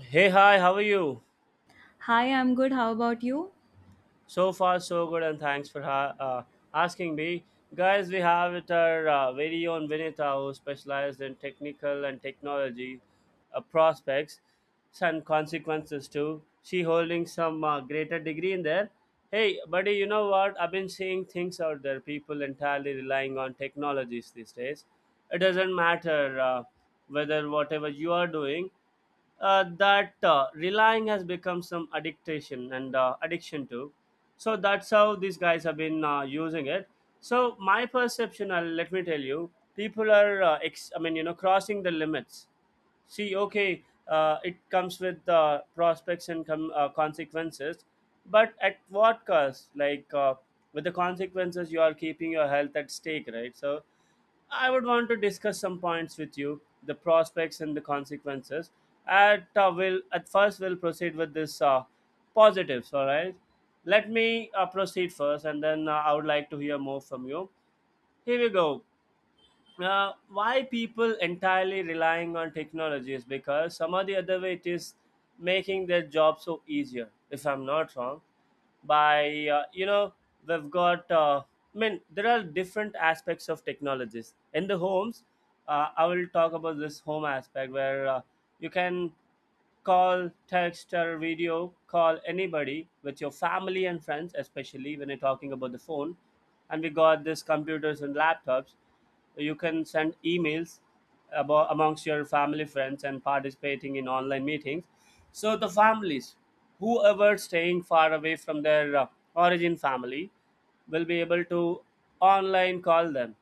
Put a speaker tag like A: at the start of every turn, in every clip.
A: Hey, hi, how are you?
B: Hi, I'm good. How about you?
A: So far, so good, and thanks for asking me. Guys, we have it our very own Vinita, who specialized in technical and technology prospects and consequences too. She holding some greater degree in there. Hey, buddy, you know what? I've been seeing things out there. People entirely relying on technologies these days. It doesn't matter whether whatever you are doing. That relying has become some addiction and addiction to, so that's how these guys have been using it. So my perception, let me tell you, people are I mean, crossing the limits. See, okay, it comes with prospects and consequences, but at what cost, like? With the consequences you are keeping your health at stake, right? So I would want to discuss some points with you, the prospects and the consequences. At will at first we'll proceed with this positives. All right, let me proceed first, and then I would like to hear more from you. Here we go. Why people entirely relying on technology is because some or the other way it is making their job so easier, if I'm not wrong, by we've got, I mean, there are different aspects of technologies in the homes. I will talk about this home aspect where you can call, text, or video call anybody with your family and friends, especially when you're talking about the phone. And we got this computers and laptops, you can send emails about amongst your family friends, and participating in online meetings. So the families whoever staying far away from their origin family will be able to online call them.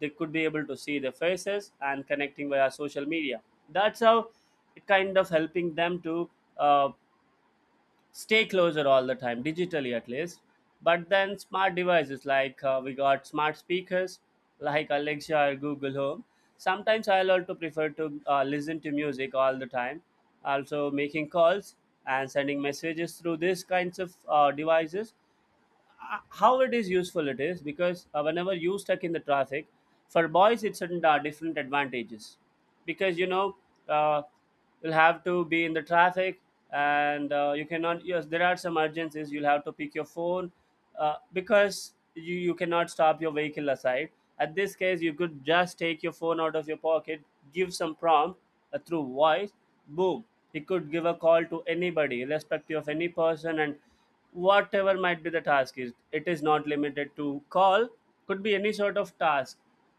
A: They could be able to see their faces and connecting via social media. That's how it kind of helping them to uh, stay closer all the time, digitally at least. But then smart devices, like we got smart speakers like Alexa or Google Home. Sometimes I'll also prefer to listen to music all the time, also making calls and sending messages through these kinds of devices. How it is useful it is because whenever you stuck in the traffic, for boys it's certain different advantages. Because you know, uh, you'll have to be in the traffic, and you cannot. Yes, there are some urgencies, you'll have to pick your phone because you cannot stop your vehicle aside. At this case, you could just take your phone out of your pocket, give some prompt through voice. Boom, he could give a call to anybody irrespective of any person. And whatever might be the task is, it is not limited to call, could be any sort of task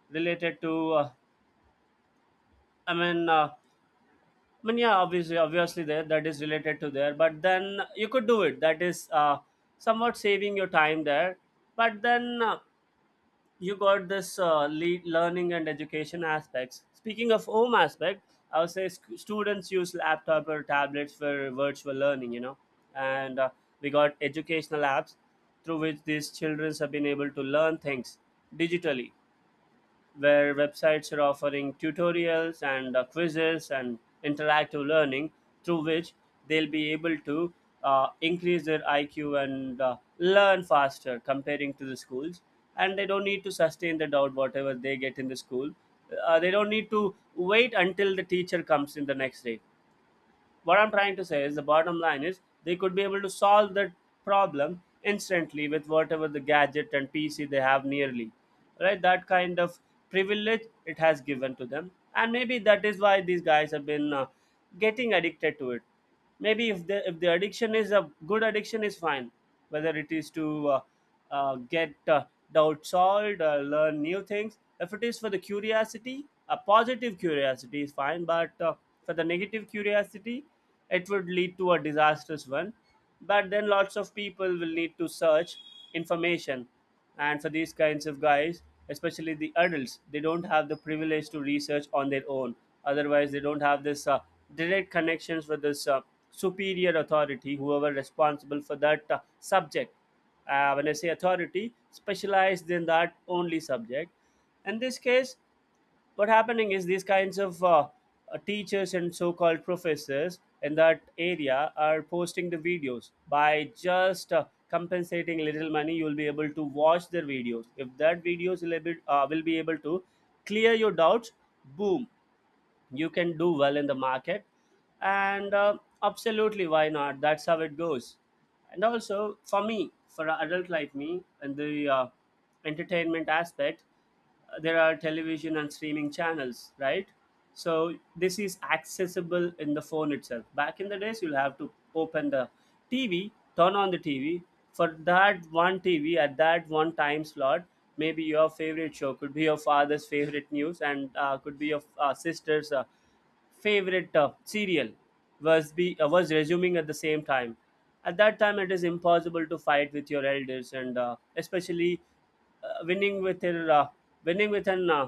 A: related to, I mean, yeah, obviously there that is related to there, but then you could do it, that is somewhat saving your time there. But then you got this lead learning and education aspects. Speaking of home aspect, I would say students use laptop or tablets for virtual learning, and we got educational apps through which these children have been able to learn things digitally, where websites are offering tutorials and quizzes and interactive learning, through which they'll be able to increase their IQ and learn faster comparing to the schools. And they don't need to sustain the doubt whatever they get in the school. They don't need to wait until the teacher comes in the next day. What I'm trying to say is, the bottom line is, they could be able to solve that problem instantly with whatever the gadget and pc they have nearly, right? That kind of privilege it has given to them. And maybe that is why these guys have been getting addicted to it. Maybe if the addiction is a good addiction is fine. Whether it is to get doubt solved, learn new things. If it is for the curiosity, a positive curiosity is fine, but for the negative curiosity, it would lead to a disastrous one. But then lots of people will need to search information. And for these kinds of guys, especially the adults, they don't have the privilege to research on their own. Otherwise, they don't have this direct connections with this superior authority, whoever responsible for that subject. When I say authority, specialized in that only subject. In this case, what happening is these kinds of teachers and so-called professors in that area are posting the videos. By just compensating little money, you'll be able to watch their videos. If that videos will be able to clear your doubts, boom, you can do well in the market. And absolutely, why not? That's how it goes. And also for me, for a adult like me, and the entertainment aspect, there are television and streaming channels, right? So this is accessible in the phone itself. Back in the days, you'll have to open the tv, turn on the tv, for that one tv at that one time slot. Maybe your favorite show could be your father's favorite news, and could be your sister's favorite serial was resuming at the same time. At that time it is impossible to fight with your elders, and especially winning with an winning with an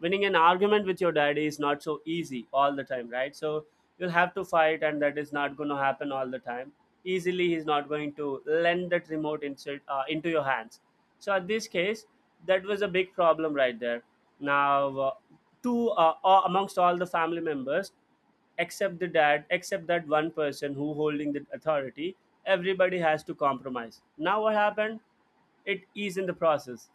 A: winning an argument with your daddy is not so easy all the time, right? So you'll have to fight, and that is not going to happen all the time easily. He's not going to lend that remote insert into your hands. So, at this case, that was a big problem right there. Now, amongst all the family members, except the dad, except that one person who holding the authority, everybody has to compromise. Now what happened? It is in the process,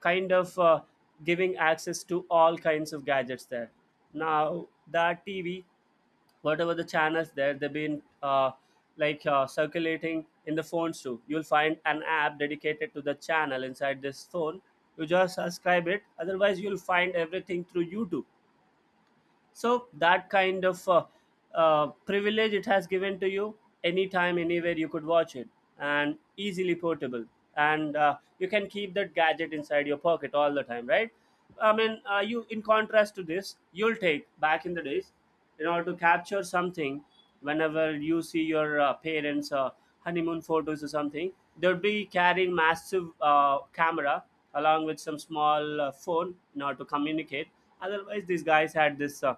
A: kind of giving access to all kinds of gadgets there. Now that TV, whatever the channels there, they've been like, circulating in the phones too. You'll find an app dedicated to the channel inside this phone, you just subscribe it. Otherwise, you'll find everything through YouTube. So that kind of privilege it has given to you. Anytime, anywhere you could watch it, and easily portable. And you can keep that gadget inside your pocket all the time, right? I mean, you, in contrast to this, you'll take back in the days, in order to capture something, whenever you see your parents honeymoon photos or something, they'd be carrying massive camera along with some small phone in order to communicate. Otherwise, these guys had this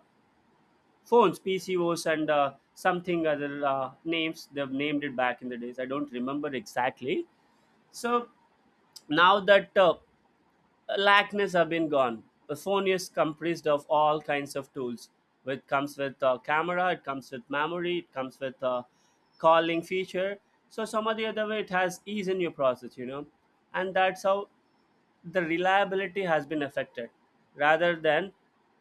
A: phones, pcos and something, other names they've named it back in the days, I don't remember exactly. So now that lackness have been gone, the phone is comprised of all kinds of tools. It comes with camera, it comes with memory, it comes with calling feature. So some of the other way it has ease in your process, and that's how the reliability has been affected. Rather than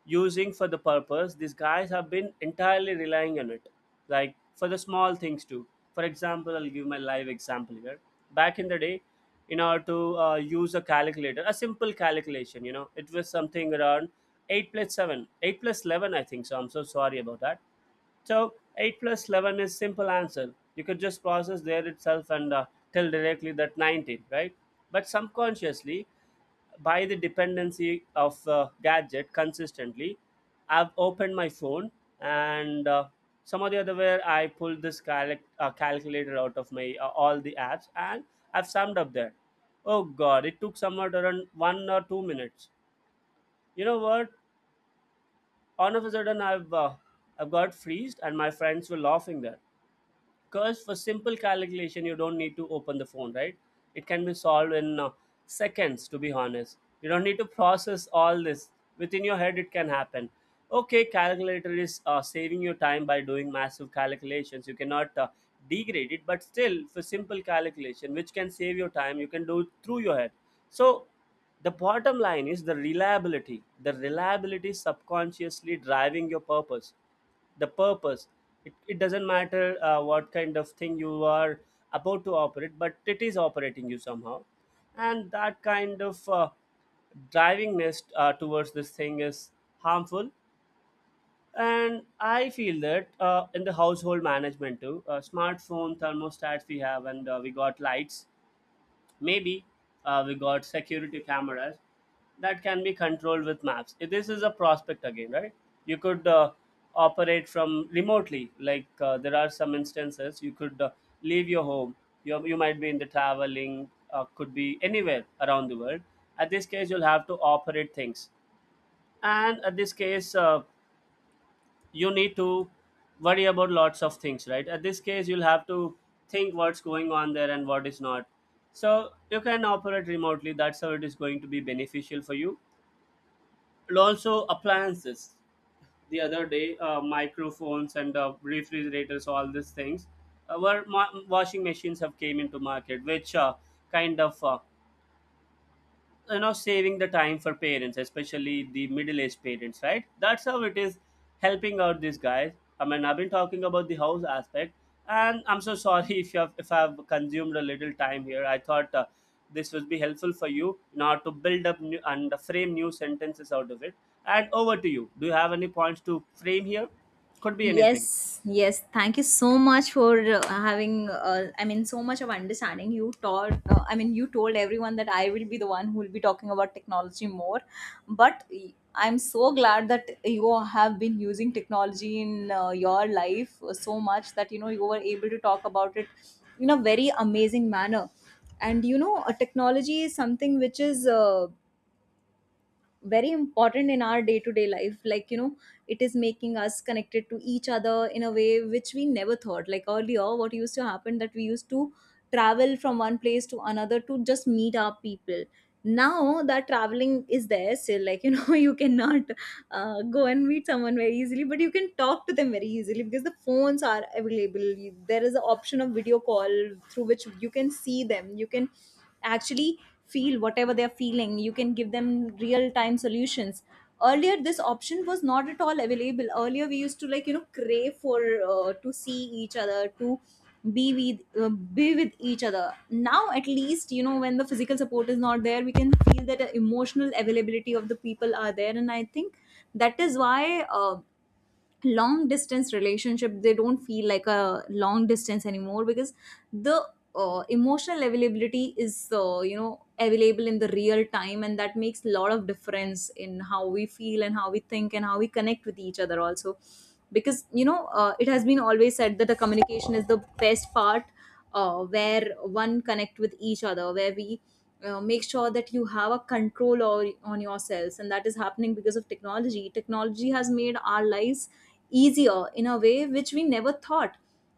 A: using for the purpose, these guys have been entirely relying on it, like for the small things too. For example, I'll give my live example here. Back in the day, in order to use a calculator, a simple calculation, it was something around 8 plus 7, 8 plus 11, I think, so I'm so sorry about that. So 8 plus 11 is simple answer. You could just process there itself and tell directly that 19, right? But subconsciously, by the dependency of gadget consistently, I've opened my phone, and some of the other where I pulled this calculator out of my all the apps, and I've summed up there. Oh god, it took somewhat around 1 or 2 minutes. You know what, all of a sudden, I've got freezed, and my friends were laughing there. Because for simple calculation, you don't need to open the phone, right? It can be solved in seconds, to be honest. You don't need to process all this. Within your head, it can happen. Okay, calculator is saving your time by doing massive calculations. You cannot degrade it, but still, for simple calculation, which can save your time, you can do it through your head. So, the bottom line is the reliability. The reliability is subconsciously driving your purpose, the purpose. It doesn't matter what kind of thing you are about to operate, but it is operating you somehow. And that kind of drivingness towards this thing is harmful. And I feel that in the household management too, smartphone thermostats we have, and we got lights maybe, we got security cameras that can be controlled with maps. This is a prospect again, right? You could operate from remotely. Like, there are some instances you could leave your home. You might be in the traveling, could be anywhere around the world. At this case, you'll have to operate things, and at this case, you need to worry about lots of things, right? At this case, you'll have to think what's going on there and what is not. So you can operate remotely. That's how it is going to be beneficial for you. And also appliances, the other day, microphones and refrigerators, all these things. Washing machines have came into market, which kind of, you know, saving the time for parents, especially the middle-aged parents, right? That's how it is helping out these guys. I mean, I've been talking about the house aspect, and I'm so sorry if you have, if I've consumed a little time here. I thought this would be helpful for you now to build up new, and frame new sentences out of it. And over to you. Do you have any points to frame here? Could be anything.
B: Yes, yes. Thank you so much for having. I mean, so much of understanding. You taught. I mean, you told everyone that I will be the one who will be talking about technology more. But I'm so glad that you have been using technology in your life so much that you were able to talk about it in a very amazing manner. And a technology is something which is, very important in our day to day life, like it is making us connected to each other in a way which we never thought. Like earlier, what used to happen, that we used to travel from one place to another to just meet our people. Now, that traveling is there still, like you cannot go and meet someone very easily, but you can talk to them very easily, because the phones are available. There is an option of video call through which you can see them. You can actually feel whatever they're feeling. You can give them real time solutions. Earlier this option was not at all available. Earlier we used to, like, crave for, to see each other, to be be with each other. Now at least, when the physical support is not there, we can feel that emotional availability of the people are there, and I think that is why, long distance relationship they don't feel like a long distance anymore, because the emotional availability is available in the real time, and that makes a lot of difference in how we feel and how we think and how we connect with each other also. Because it has been always said that the communication is the best part, where one connect with each other, where we make sure that you have a control or, on yourselves, and that is happening because of technology. Technology has made our lives easier in a way which we never thought.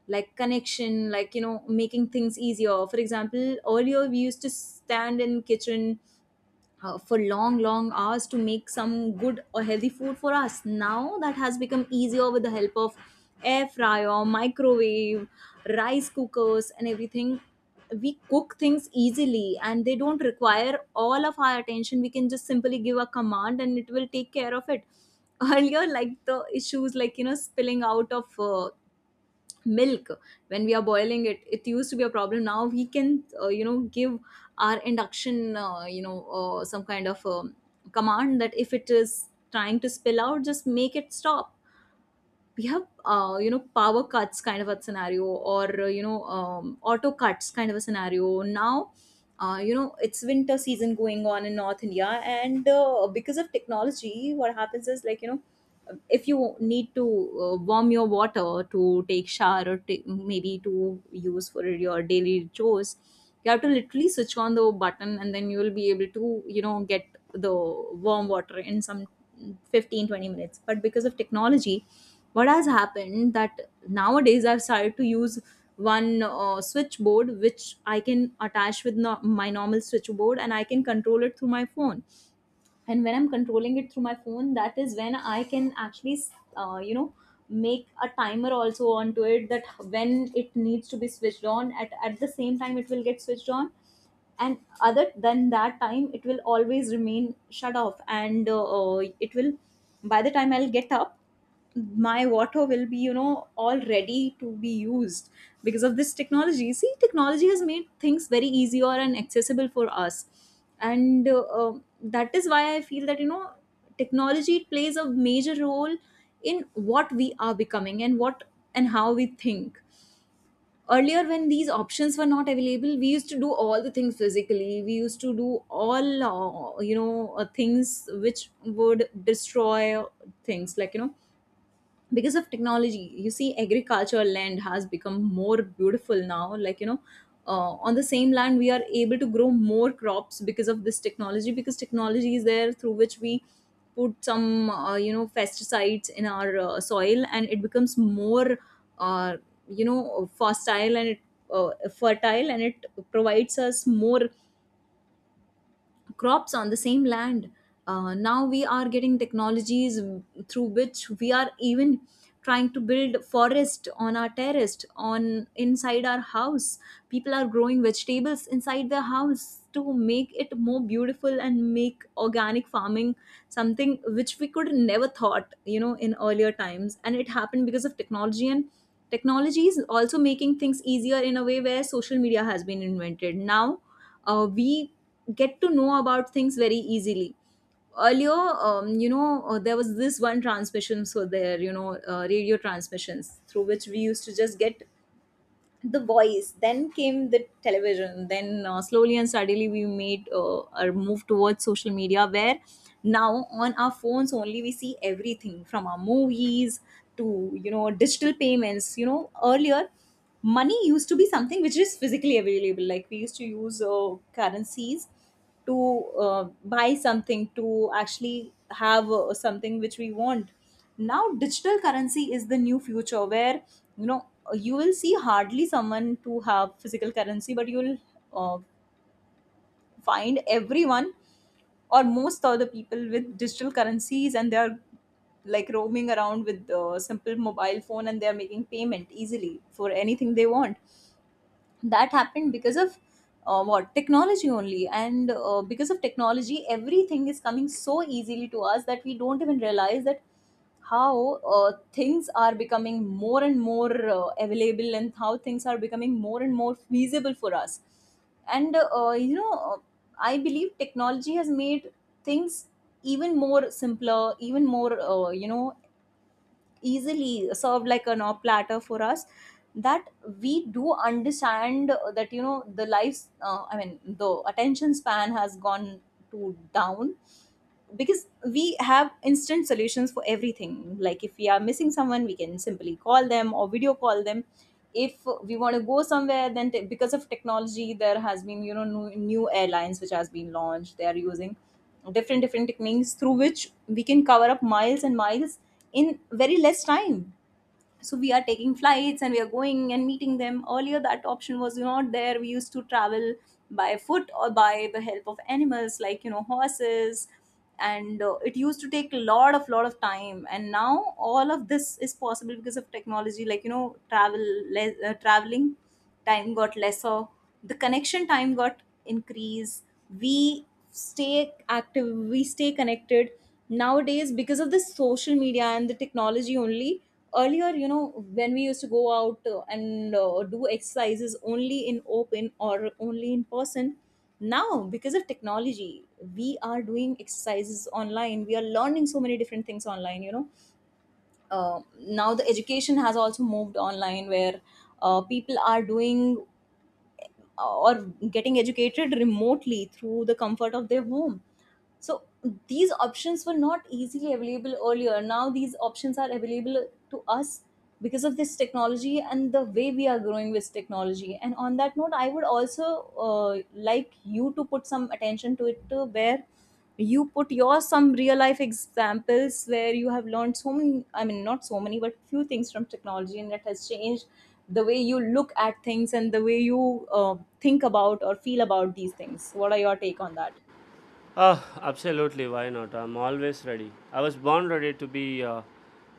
B: Like connection, like making things easier. For example, earlier we used to stand in kitchen, for long long hours, to make some good or healthy food for us. Now that has become easier with the help of air fryer, microwave, rice cookers and everything. We cook things easily, and they don't require all of our attention. We can just simply give a command and it will take care of it. Earlier, like the issues, like spilling out of milk, when we are boiling it, it used to be a problem. Now we can, give our induction, some kind of command, that if it is trying to spill out, just make it stop. We have, power cuts kind of a scenario, or auto cuts kind of a scenario now. It's winter season going on in North India, and because of technology, what happens is, like if you need to warm your water to take shower, or maybe to use for your daily chores, you have to literally switch on the button, and then you will be able to get the warm water in some 15-20 minutes. But because of technology, what has happened that nowadays I've started to use one switchboard, which I can attach with my normal switchboard, and I can control it through my phone. And when I'm controlling it through my phone, that is when I can actually, uh, you know make a timer also onto it, that when it needs to be switched on at the same time, it will get switched on, and other than that time it will always remain shut off. And it will, by the time I'll get up, my water will be all ready to be used, because of this technology. See, technology has made things very easier and accessible for us. And that is why I feel that technology plays a major role in what we are becoming, and what and how we think. Earlier, when these options were not available, we used to do all the things physically. We used to do all, things which would destroy things, like because of technology, you see, agricultural land has become more beautiful now. Like on the same land we are able to grow more crops, because of this technology. Because technology is there, through which we put some, pesticides in our soil, and it becomes more uh, you know fertile and it fertile, and it provides us more crops on the same land. Now we are getting technologies through which we are even trying to build forest on our terrace, on inside our house. People are growing vegetables inside their house to make it more beautiful and make organic farming, something which we could never thought, in earlier times, and it happened because of technology. And technology is also making things easier in a way where social media has been invented. Now, we get to know about things very easily. Earlier, there was this one transmission. So there, radio transmissions through which we used to just get the voice. Then came the television. Then, slowly and steadily, we made, our move towards social media, where now on our phones only we see everything, from our movies to digital payments. Earlier, money used to be something which is physically available. Like we used to use currencies to buy something, to actually have something which we want. Now, digital currency is the new future, where you know you will see hardly someone to have physical currency, but you'll uh, find everyone, or most of the people, with digital currencies, and they are like roaming around with a simple mobile phone, and they are making payment easily for anything they want. That happened because of what, technology only. And because of technology, everything is coming so easily to us that we don't even realize that how things are becoming more and more available, and how things are becoming more and more feasible for us. And I believe technology has made things even more simpler, even more, easily served like an op platter for us. That we do understand that the lives, I mean the attention span has gone to down, because we have instant solutions for everything. Like if we are missing someone, we can simply call them or video call them. If we want to go somewhere, then because of technology, there has been new airlines which has been launched. They are using different different techniques through which we can cover up miles and miles in very less time. So we are taking flights and we are going and meeting them. Earlier that option was not there. We used to travel by foot, or by the help of animals, like horses, and it used to take a lot of time. And now all of this is possible because of technology. Like traveling time got lesser. The connection time got increased. We stay active. We stay connected nowadays because of the social media and the technology only. Earlier, when we used to go out, and do exercises only in open or only in person. Now because of technology, we are doing exercises online. We are learning so many different things online. Now the education has also moved online, where people are doing, or getting educated remotely through the comfort of their home. So these options were not easily available earlier. Now these options are available to us because of this technology and the way we are growing with technology. And on that note, I would also like you to put some attention to it too, where you put your some real life examples where you have learned so many, I mean, not so many but few things from technology, and it has changed the way you look at things and the way you think about or feel about these things. What are your take on that?
A: Oh, absolutely. Why not? I'm always ready. I was born ready to be uh,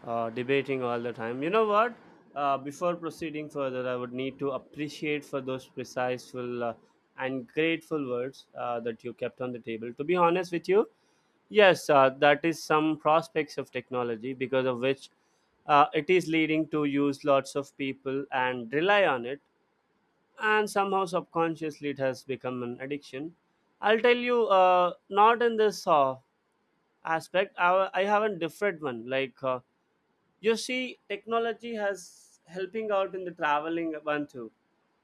A: uh, debating all the time. You know what? Before proceeding further, I would need to appreciate for those preciseful and grateful words that you kept on the table. To be honest with you, yes, that is some prospects of technology because of which it is leading to use lots of people and rely on it, and somehow subconsciously it has become an addiction. I'll tell you, not in this aspect. I have a different one. Like, you see, technology has helping out in the traveling one too.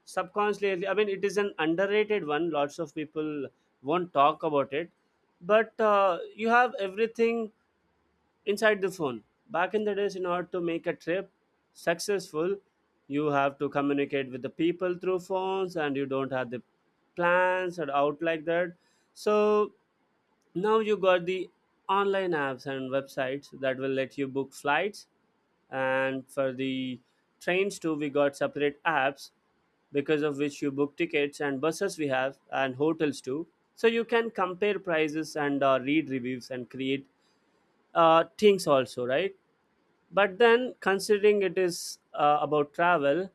A: Subconsciously, I mean, it is an underrated one. Lots of people won't talk about it, but you have everything inside the phone. Back in the days, in order to make a trip successful, you have to communicate with the people through phones, and you don't have the plans or out like that. So now you got the online apps and websites that will let you book flights, and for the trains too, we got separate apps because of which you book tickets, and buses we have, and hotels too. So you can compare prices and read reviews and create things also, right? But then, considering it is about travel,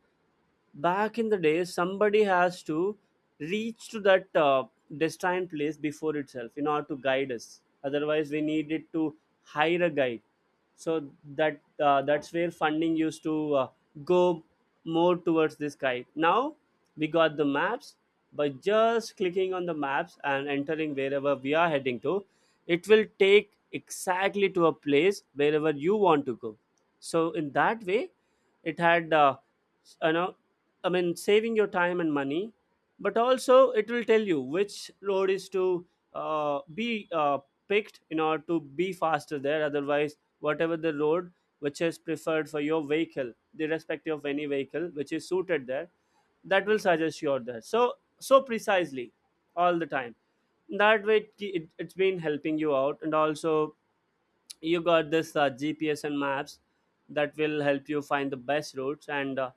A: back in the day, somebody has to reach to that destined place before itself in order to guide us. Otherwise, we needed to hire a guide. So that that's where funding used to go more towards this guide. Now we got the maps. By just clicking on the maps and entering wherever we are heading to, it will take exactly to a place wherever you want to go. So in that way, it had you know, I mean, saving your time and money. But also, it will tell you which road is to be picked in order to be faster there. Otherwise, whatever the road which is preferred for your vehicle, the respective of any vehicle which is suited there, that will suggest you out there. So, so precisely all the time. That way, it's been helping you out. And also, you got this GPS and maps that will help you find the best routes, and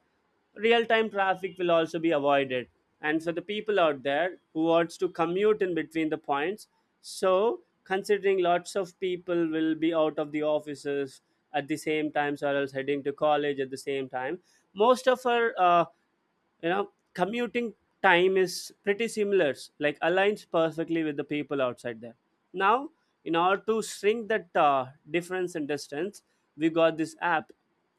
A: real time traffic will also be avoided. And for the people out there who wants to commute in between the points, so considering lots of people will be out of the offices at the same times, or else heading to college at the same time, most of our you know, commuting time is pretty similar, like aligns perfectly with the people outside there. Now, in order to shrink that difference in distance, we got this app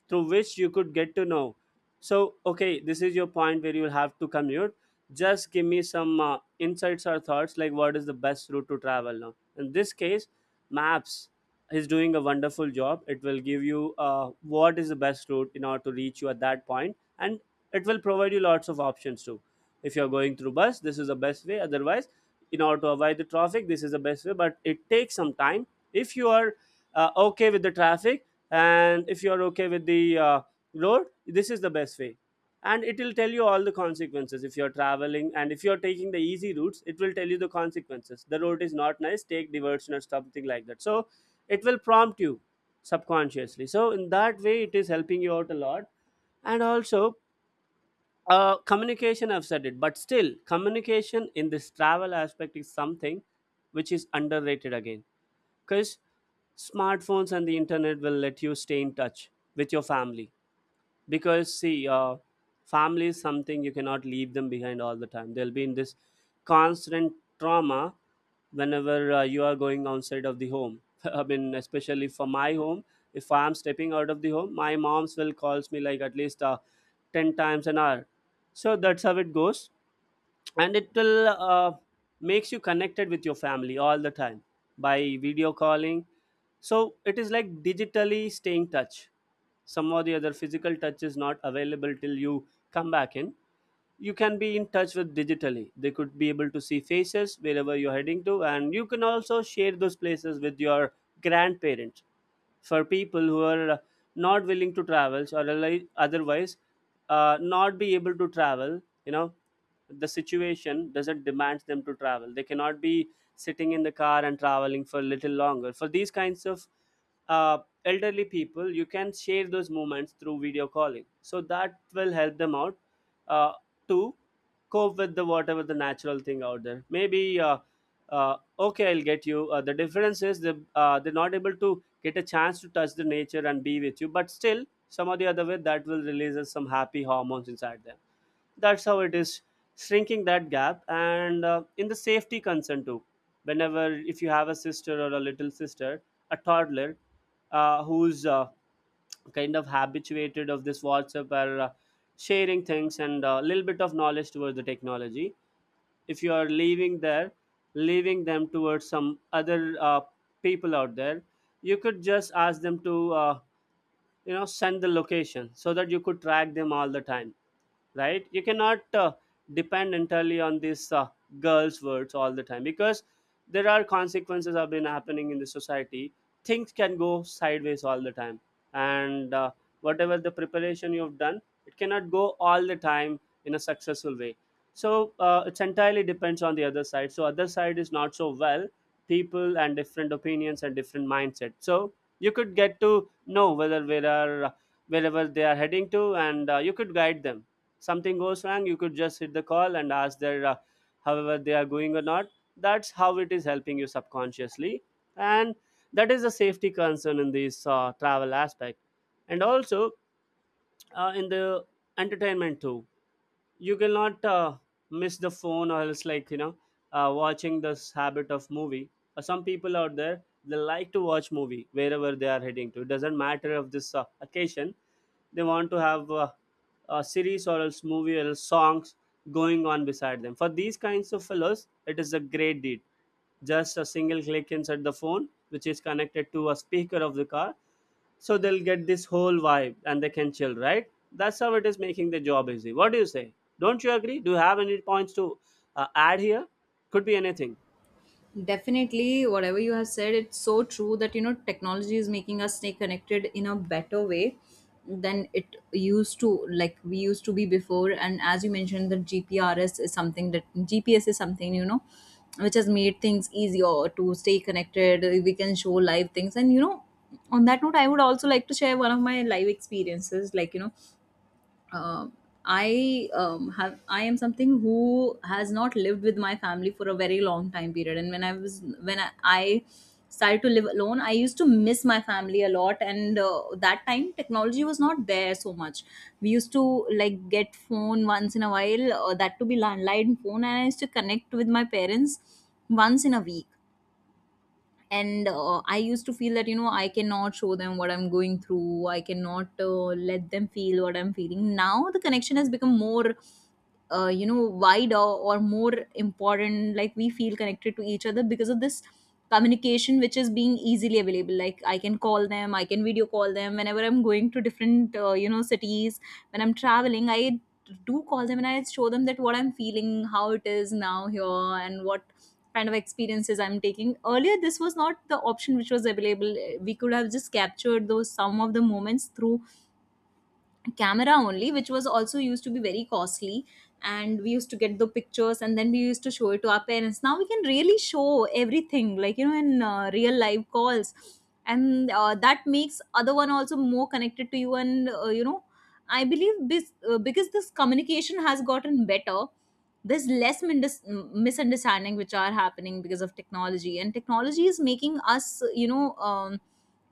A: through which you could get to know. So okay, this is your point where you'll have to commute. Just give me some insights or thoughts, like what is the best route to travel now. In this case, maps is doing a wonderful job. It will give you what is the best route in order to reach you at that point. And it will provide you lots of options too. If you're going through bus, this is the best way. Otherwise, in order to avoid the traffic, this is the best way, but it takes some time. If you are okay with the traffic, and if you are okay with the road, this is the best way. And it will tell you all the consequences. If you're traveling, and if you're taking the easy routes, it will tell you the consequences: the road is not nice, take diversion or something like that. So it will prompt you subconsciously. So in that way, it is helping you out a lot. And also, communication, I've said it, but still, communication in this travel aspect is something which is underrated again. Because smartphones and the internet will let you stay in touch with your family. Because see, family is something you cannot leave them behind all the time. They'll be in this constant trauma whenever you are going outside of the home. I mean, especially for my home, if I'm stepping out of the home, my mom's will calls me like at least 10 times an hour. So that's how it goes. And it will makes you connected with your family all the time by video calling. So it is like digitally staying touch. Some or the other physical touch is not available till you come back in. You can be in touch with digitally. They could be able to see faces wherever you're heading to, and you can also share those places with your grandparents. For people who are not willing to travel, or otherli- otherwise not be able to travel, you know, the situation doesn't demand them to travel. They cannot be sitting in the car and traveling for a little longer. For these kinds of uh, elderly people, you can share those moments through video calling, so that will help them out uh, to cope with the whatever the natural thing out there. Maybe uh, okay, I'll get you. The difference is, the they're not able to get a chance to touch the nature and be with you. But still, some or the other way, that will release us some happy hormones inside them. That's how it is shrinking that gap. And in the safety concern too, whenever, if you have a sister or a little sister, a toddler who's kind of habituated of this WhatsApp, or sharing things and a little bit of knowledge towards the technology, if you are leaving there, leaving them towards some other people out there, you could just ask them to you know, send the location so that you could track them all the time, right? You cannot depend entirely on this girls words all the time, because there are consequences have been happening in the society. Things can go sideways all the time. And whatever the preparation you've done, it cannot go all the time in a successful way. So it's entirely depends on the other side. So other side is not so well. People and different opinions and different mindset. So you could get to know whether where are wherever they are heading to, and you could guide them. Something goes wrong, you could just hit the call and ask their however they are going or not. That's how it is helping you subconsciously. And that is a safety concern in this travel aspect. And also, in the entertainment too, you cannot miss the phone, or else, like, you know, watching this habit of movie. Some people out there, they like to watch movie wherever they are heading to. It doesn't matter of this occasion. They want to have a series, or else movie, or else songs going on beside them. For these kinds of fellows, it is a great deed. Just a single click inside the phone which is connected to a speaker of the car, so they'll get this whole vibe and they can chill, right? That's how it is making the job easy. What do you say? Don't you agree? Do you have any points to add here? Could be anything.
B: Definitely, whatever you have said, it's so true that technology is making us stay connected in a better way than it used to, like we used to be before. And as you mentioned, that GPRS is something, that GPS is something which has made things easier to stay connected. We can show live things, and on that note, I would also like to share one of my live experiences, uh, I am something who has not lived with my family for a very long time period. And when I started to live alone, I used to miss my family a lot. And that time technology was not there so much. We used to like get phone once in a while, that to be landline phone, and I used to connect with my parents once in a week. And I used to feel that I cannot show them what I'm going through, I cannot let them feel what I'm feeling. Now the connection has become more wider or more important, like we feel connected to each other because of this communication which is being easily available. Like I can call them, I can video call them whenever I'm going to different cities. When I'm traveling, I do call them and I show them that what I'm feeling, how it is now here, and what kind of experiences I'm taking. Earlier, this was not the option which was available. We could have just captured those some of the moments through camera only, which was also used to be very costly, and we used to get the pictures and then we used to show it to our parents. Now we can really show everything, like you know in real live calls. And that makes other one also more connected to you. And I believe this, because this communication has gotten better, there's less misunderstanding which are happening because of technology. And technology is making us,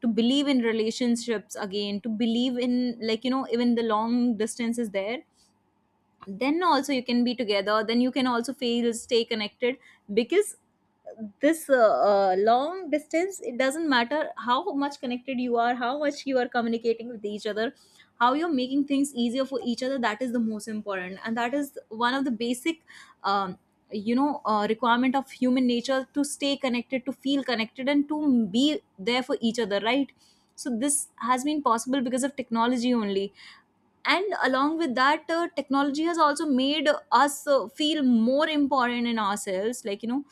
B: to believe in relationships again, to believe in, even the long distance is there, then also you can be together, then you can also feel stay connected. Because this long distance, it doesn't matter how much connected you are, how much you are communicating with each other, how you're making things easier for each other. That is the most important, and that is one of the basic um, requirement of human nature, to stay connected, to feel connected, and to be there for each other, right? So this has been possible because of technology only. And along with that, technology has also made us feel more important in ourselves. Like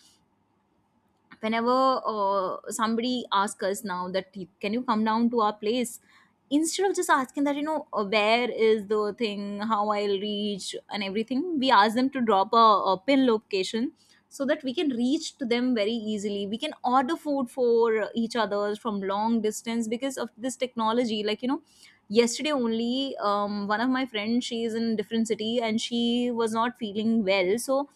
B: whenever somebody asks us now that, "Hey, can you come down to our place," instead of just asking that, where is the thing, how I'll reach and everything, we ask them to drop a pin location, so that we can reach to them very easily. We can order food for each other from long distance because of this technology. Like yesterday only, one of my friends, she is in different city, and she was not feeling well, so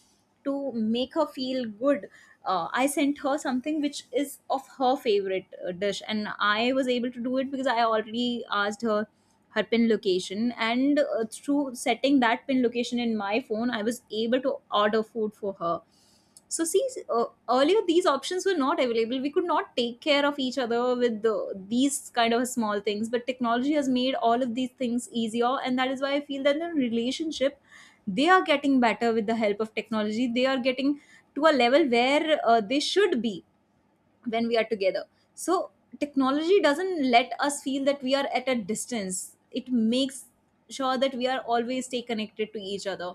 B: to make her feel good, I sent her something which is of her favorite dish, and I was able to do it because I already asked her her pin location, and through setting that pin location in my phone, I was able to order food for her. So, see, earlier these options were not available. We could not take care of each other with the, these kind of small things, but technology has made all of these things easier, and that is why I feel that in a relationship, they are getting better with the help of technology, they are getting to a level where they should be when we are together. So technology doesn't let us feel that we are at a distance. It makes sure that we are always stay connected to each other.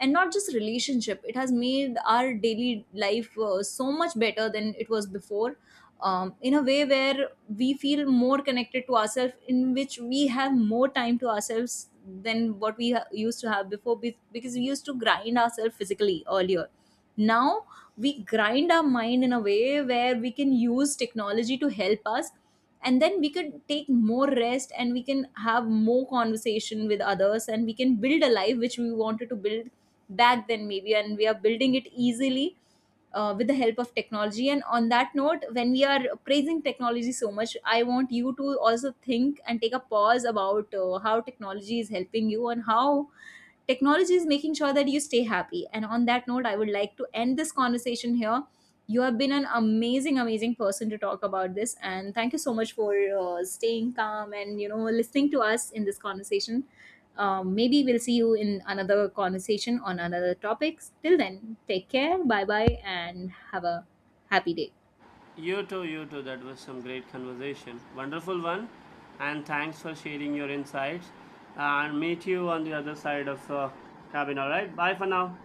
B: And not just relationship, it has made our daily life so much better than it was before, in a way where we feel more connected to ourselves, in which we have more time to ourselves than what used to have before, because we used to grind ourselves physically earlier. Now we grind our mind in a way where we can use technology to help us, and then we could take more rest and we can have more conversation with others, and we can build a life which we wanted to build back then maybe, and we are building it easily with the help of technology. And on that note, when we are praising technology so much, I want you to also think and take a pause about how technology is helping you, and how technology is making sure that you stay happy. And on that note, I would like to end this conversation here. You have been an amazing, amazing person to talk about this, and thank you so much for staying calm and listening to us in this conversation. Maybe we'll see you in another conversation on another topics. Till then, take care, bye bye, and have a happy day.
A: You too, you too. That was some great conversation. Wonderful one. And thanks for sharing your insights. And meet you on the other side of the cabin. All right. Bye for now.